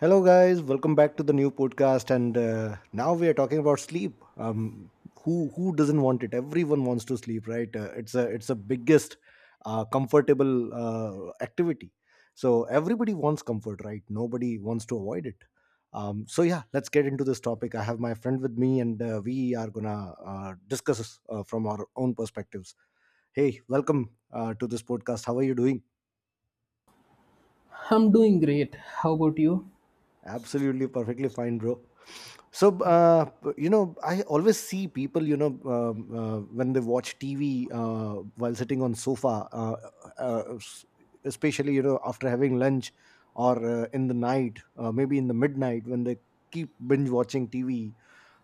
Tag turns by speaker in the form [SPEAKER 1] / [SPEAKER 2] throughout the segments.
[SPEAKER 1] Hello, guys. Welcome back to the new podcast. And Now we are talking about sleep. Who doesn't want it? Everyone wants to sleep, right? It's a biggest comfortable activity. So everybody wants comfort, right? Nobody wants to avoid it. So yeah, let's get into this topic. I have my friend with me, and we are gonna discuss from our own perspectives. Hey, welcome to this podcast. How are you doing?
[SPEAKER 2] I'm doing great. How about you?
[SPEAKER 1] Absolutely perfectly fine, bro. So, I always see people, when they watch TV while sitting on sofa, uh, s- especially after having lunch or in the night, maybe in the midnight when they keep binge watching TV.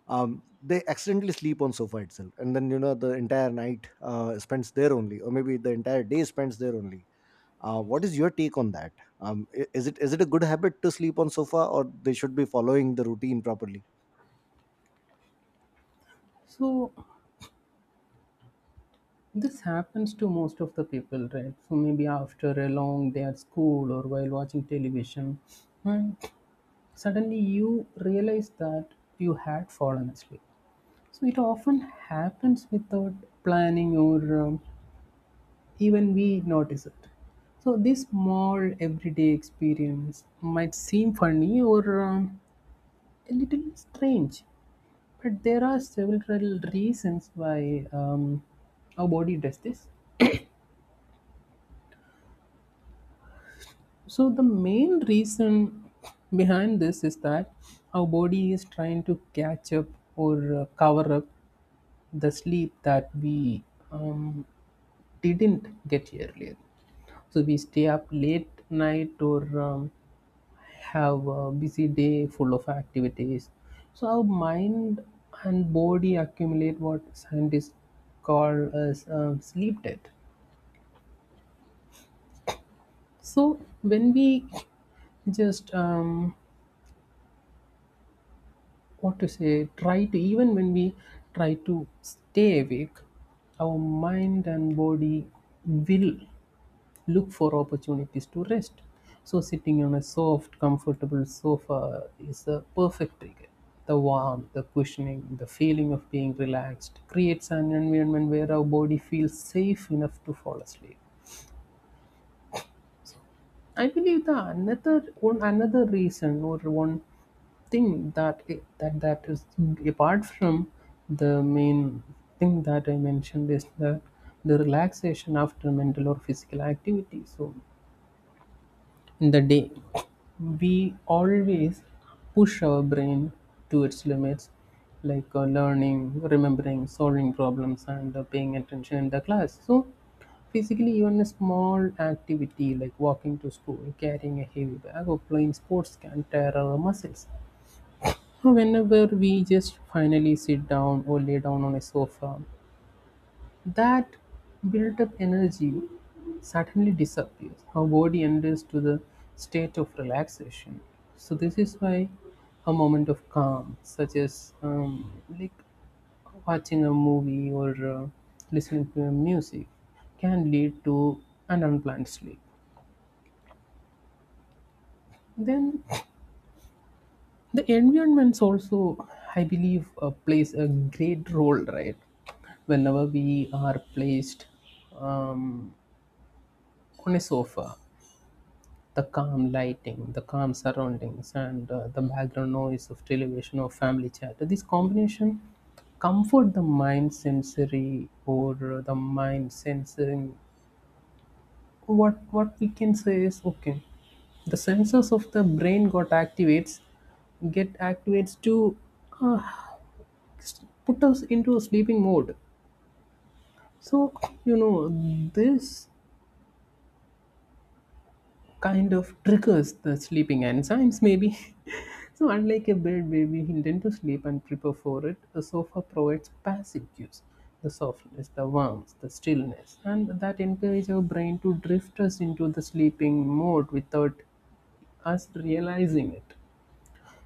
[SPEAKER 1] They accidentally sleep on sofa itself, and then the entire night spends there only, or maybe the entire day spends there only. What is your take on that? Is it is it a good habit to sleep on sofa, or they should be following the routine properly?
[SPEAKER 2] So, this happens to most of the people, right? So, maybe after a long day at school or while watching television, and suddenly you realize that you had fallen asleep. So, it often happens without planning, or even we notice it. So, this small everyday experience might seem funny or a little strange, but there are several reasons why our body does this. So, the main reason behind this is that our body is trying to catch up or cover up the sleep that we um, didn't get earlier. So, we stay up late night, or have a busy day full of activities. So, our mind and body accumulate what scientists call as sleep debt. So when we just what to say, try to even when we try to stay awake, our mind and body will look for opportunities to rest. So sitting on a soft, comfortable sofa is a perfect trigger. The warmth, the cushioning, the feeling of being relaxed creates an environment where our body feels safe enough to fall asleep. I believe the another one another reason, or one thing that is apart from the main thing that I mentioned, is the relaxation after mental or physical activity. So in the day, we always push our brain to its limits, like learning, remembering, solving problems, and paying attention in the class. So, physically, even a small activity like walking to school, carrying a heavy bag, or playing sports can tear our muscles. Whenever we just finally sit down or lay down on a sofa, that built up energy suddenly disappears. Our body enters to the state of relaxation. So this is why a moment of calm, such as like watching a movie or listening to music, can lead to an unplanned sleep. Then the environments also, I believe, plays a great role, right? Whenever we are placed um, on a sofa, the calm lighting, the calm surroundings, and the background noise of television or family chat, this combination comfort the mind sensory, or the mind sensing. What we can say is okay. The sensors of the brain got activates, get activates to uh, put us into a sleeping mode. So you know, this kind of triggers the sleeping enzymes maybe. So unlike a bed where we intend to sleep and prepare for it, the sofa provides passive cues: the softness, the warmth, the stillness, and that encourage our brain to drift us into the sleeping mode without us realizing it.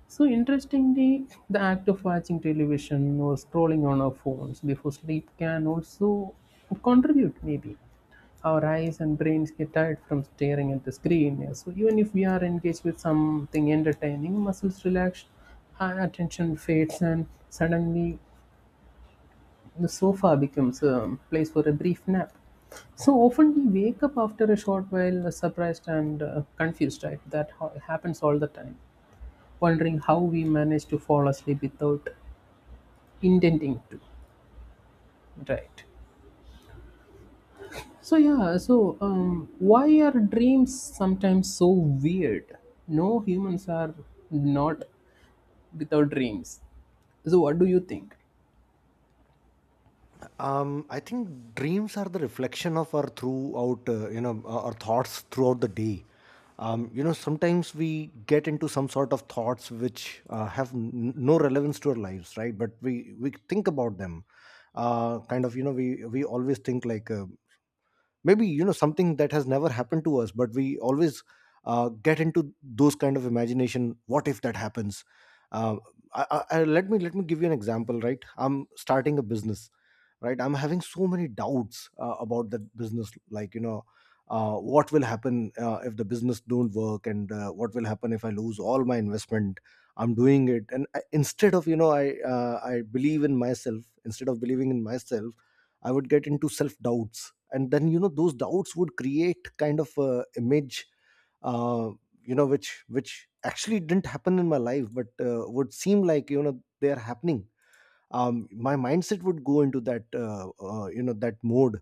[SPEAKER 2] So interestingly, the act of watching television or scrolling on our phones before sleep can also contribute maybe. Our eyes and brains get tired from staring at the screen. Yeah, so even if we are engaged with something entertaining, muscles relax, our attention fades, and suddenly the sofa becomes a place for a brief nap. So often we wake up after a short while, surprised and confused, right? That happens all the time, wondering how we manage to fall asleep without intending to, right? So yeah, so why are dreams sometimes so weird? No, humans are not without dreams. So what do you think?
[SPEAKER 1] I think dreams are the reflection of our thoughts throughout the day. Sometimes we get into some sort of thoughts which have no relevance to our lives, right? But we think about them. Uh, kind of, you know, we we always think like. Maybe something that has never happened to us, but we always get into those kind of imagination, what if that happens. uh, Let me give you an example, right? I'm starting a business, right? I'm having so many doubts about that business, like what will happen if the business don't work, and what will happen if I lose all my investment. I'm doing it, and I, instead of you know I believe in myself, instead of believing in myself I would get into self doubts, and then those doubts would create kind of a image uh, which actually didn't happen in my life, but would seem like they are happening. My mindset would go into that that mode,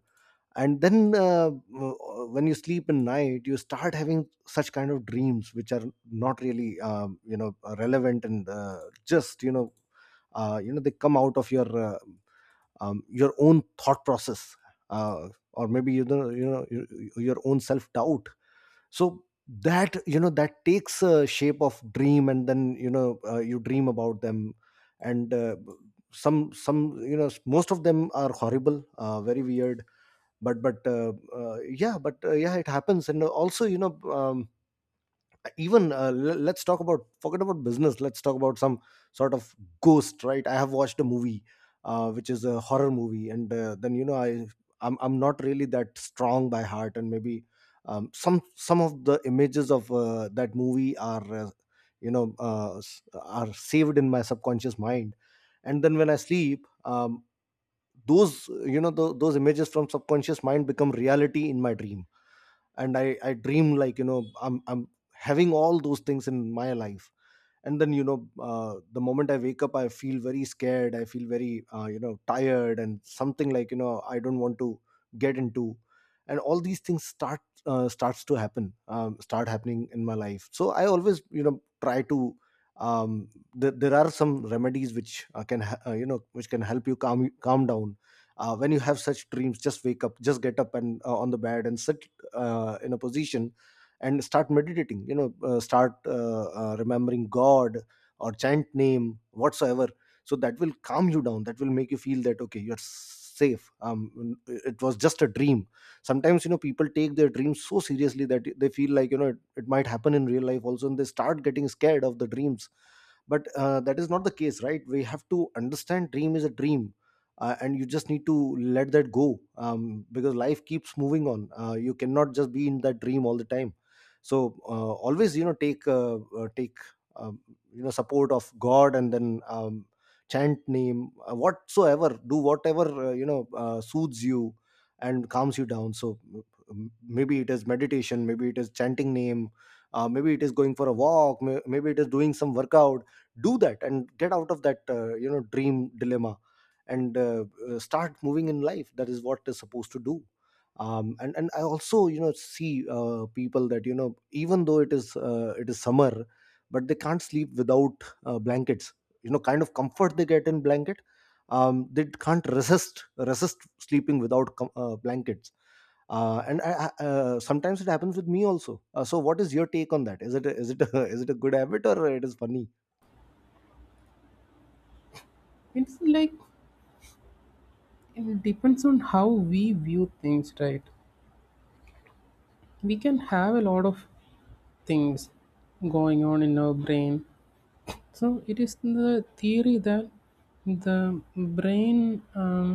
[SPEAKER 1] and then when you sleep in night, you start having such kind of dreams which are not really relevant, and just you know they come out of your own thought process, or maybe your own self doubt. So that you know that takes a shape of dream, and then you dream about them. And Some most of them are horrible, very weird. But yeah, it happens. And also, let's talk about, forget about business, let's talk about some sort of ghost. Right, I have watched a movie, which is a horror movie, and then you know I I'm not really that strong by heart, and maybe some of the images of that movie are are saved in my subconscious mind. And then when I sleep, those you know tho- those images from subconscious mind become reality in my dream, and I dream like I'm having all those things in my life. And then the moment I wake up, I feel very scared, I feel very tired, and something like I don't want to get into. And all these things starts to happen, start happening in my life. So I always try to. um, there are some remedies which can ha- you know which can help you calm down when you have such dreams. Just wake up, just get up, and on the bed and sit in a position, and start meditating, start remembering God, or chant name whatsoever. So that will calm you down, that will make you feel that, okay, you're safe. Um, it was just a dream. Sometimes, people take their dreams so seriously that they feel like it might happen in real life also, and they start getting scared of the dreams. But that is not the case, right? We have to understand, dream is a dream. And you just need to let that go, because life keeps moving on. You cannot just be in that dream all the time. So always, take take um, support of God, and then chant name, whatsoever, do whatever soothes you and calms you down. So maybe it is meditation, maybe it is chanting name, maybe it is going for a walk, maybe it is doing some workout. Do that and get out of that dream dilemma, and start moving in life. That is what is supposed to do. And I also, see people that, even though it is summer, but they can't sleep without blankets. You know, kind of comfort they get in blanket, they can't resist resist sleeping without blankets. Sometimes it happens with me also. So, what is your take on that? Is it a, is it a good habit or it is funny?
[SPEAKER 2] It's like, it depends on how we view things, right? We can have a lot of things going on in our brain. So it is the theory that the brain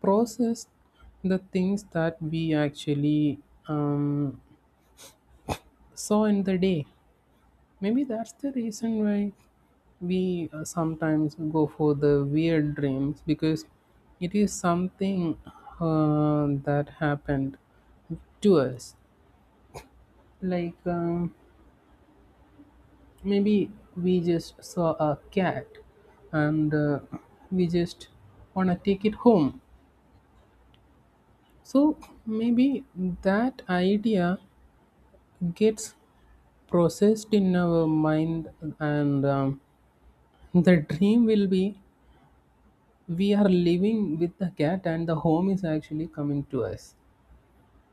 [SPEAKER 2] process the things that we actually um, saw in the day. Maybe that's the reason why we sometimes go for the weird dreams, because it is something that happened to us. Like maybe we just saw a cat and we just want to take it home. So maybe that idea gets processed in our mind, and the dream will be we are living with the cat and the home is actually coming to us.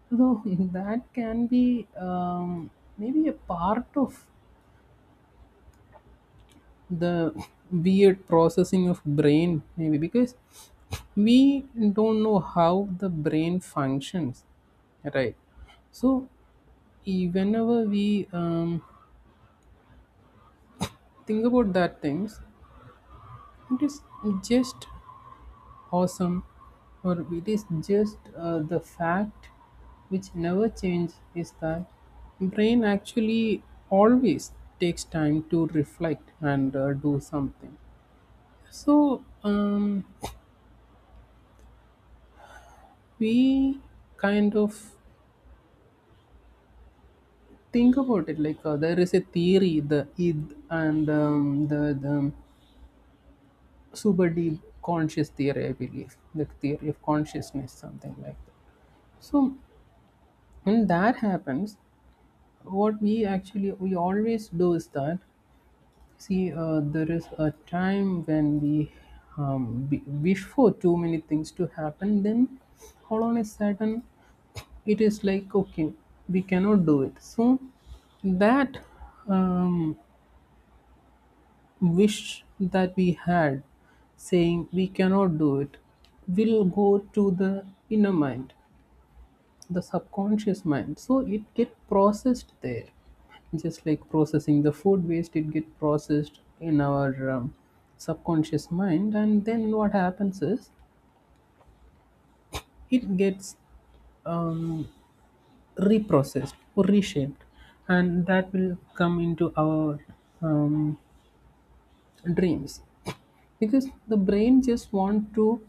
[SPEAKER 2] So that can be maybe a part of the weird processing of brain, maybe because we don't know how the brain functions, right? So whenever we think about that things, it is just awesome, or it is just the fact which never changes is that brain actually always takes time to reflect and do something. So we kind of think about it like, there is a theory, the id and the super deep conscious theory, I believe the theory of consciousness, something like that. So when that happens, what we actually we always do is that, see, there is a time when we wish for too many things to happen, then all on a sudden it is like okay, we cannot do it. So that um, wish that we had, saying we cannot do it, will go to the inner mind, the subconscious mind, so it get processed there. Just like processing the food waste, it get processed in our subconscious mind, and then what happens is it gets um, reprocessed or reshaped, and that will come into our um, dreams, because the brain just want to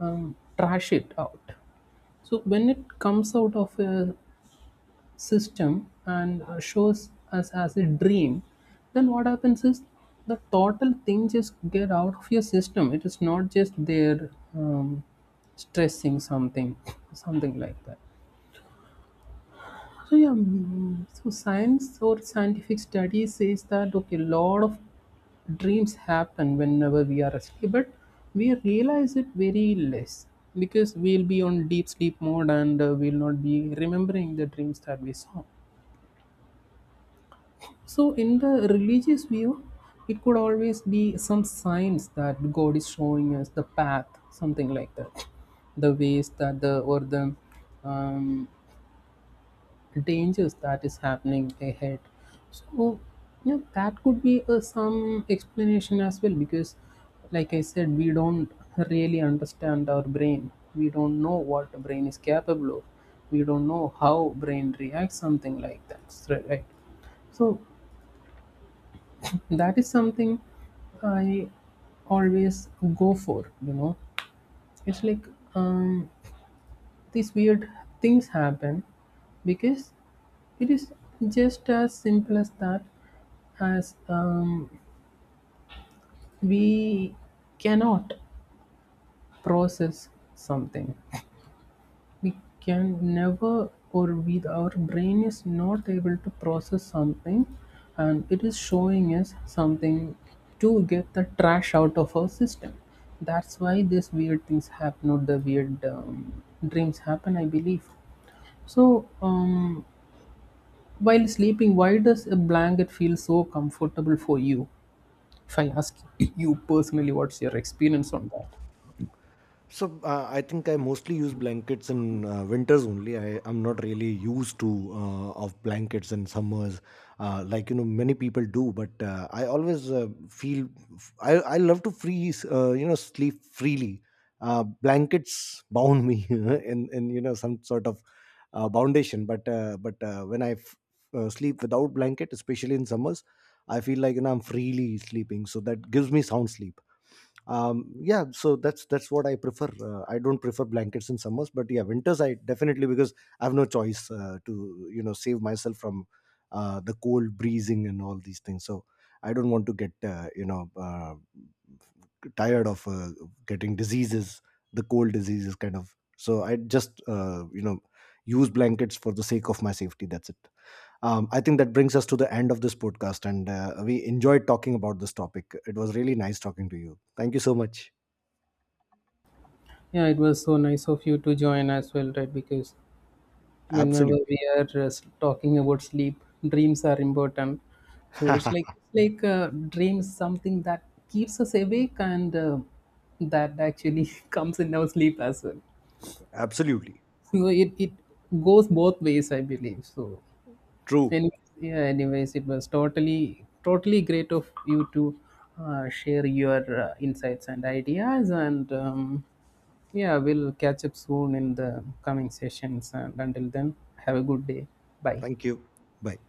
[SPEAKER 2] trash it out. So when it comes out of a system and shows us as a dream, then what happens is the total thing just get out of your system. It is not just there um, stressing something, something like that. So yeah, so science or scientific study says that okay, lot of dreams happen whenever we are asleep, but we realize it very less, because we'll be on deep sleep mode and we'll not be remembering the dreams that we saw. So, in the religious view, it could always be some signs that God is showing us the path, something like that, the ways that the, or the um, dangers that is happening ahead. So, yeah, that could be some explanation as well, because, like I said, we don't really understand our brain. We don't know what the brain is capable of. We don't know how brain reacts, something like that, right? So that is something I always go for, you know. It's like um, these weird things happen because it is just as simple as that. As we cannot process something, we can never, or we, our brain is not able to process something, and it is showing us something to get the trash out of our system. That's why these weird things happen, or the weird dreams happen, I believe. So while sleeping, why does a blanket feel so comfortable for you, if I ask you personally? What's your experience on that?
[SPEAKER 1] So I think I mostly use blankets in winters only. I am not really used to of blankets in summers, like many people do. But I always feel I love to freeze, sleep freely. Blankets bound me in you know some sort of foundation. But when I sleep without blanket, especially in summers, I feel like I'm freely sleeping. So that gives me sound sleep. Yeah, so that's what I prefer. I don't prefer blankets in summers, but yeah, winters I definitely, because I have no choice to, you know save myself from the cold breezing and all these things. So I don't want to get tired of getting diseases, the cold diseases kind of. So I just use blankets for the sake of my safety, that's it. I think that brings us to the end of this podcast, and we enjoyed talking about this topic. It was really nice talking to you, thank you so much.
[SPEAKER 2] Yeah, it was so nice of you to join as well, right? Because whenever
[SPEAKER 1] Absolutely.
[SPEAKER 2] we are talking about sleep, dreams are important. So it's like, it's like, dreams something that keeps us awake, and that actually comes in our sleep as well.
[SPEAKER 1] Absolutely.
[SPEAKER 2] So it goes both ways, I believe. So
[SPEAKER 1] True.
[SPEAKER 2] anyways, yeah, anyways, it was totally totally great of you to share your insights and ideas, and yeah, we'll catch up soon in the coming sessions, and until then, have a good day. Bye.
[SPEAKER 1] Thank you. Bye.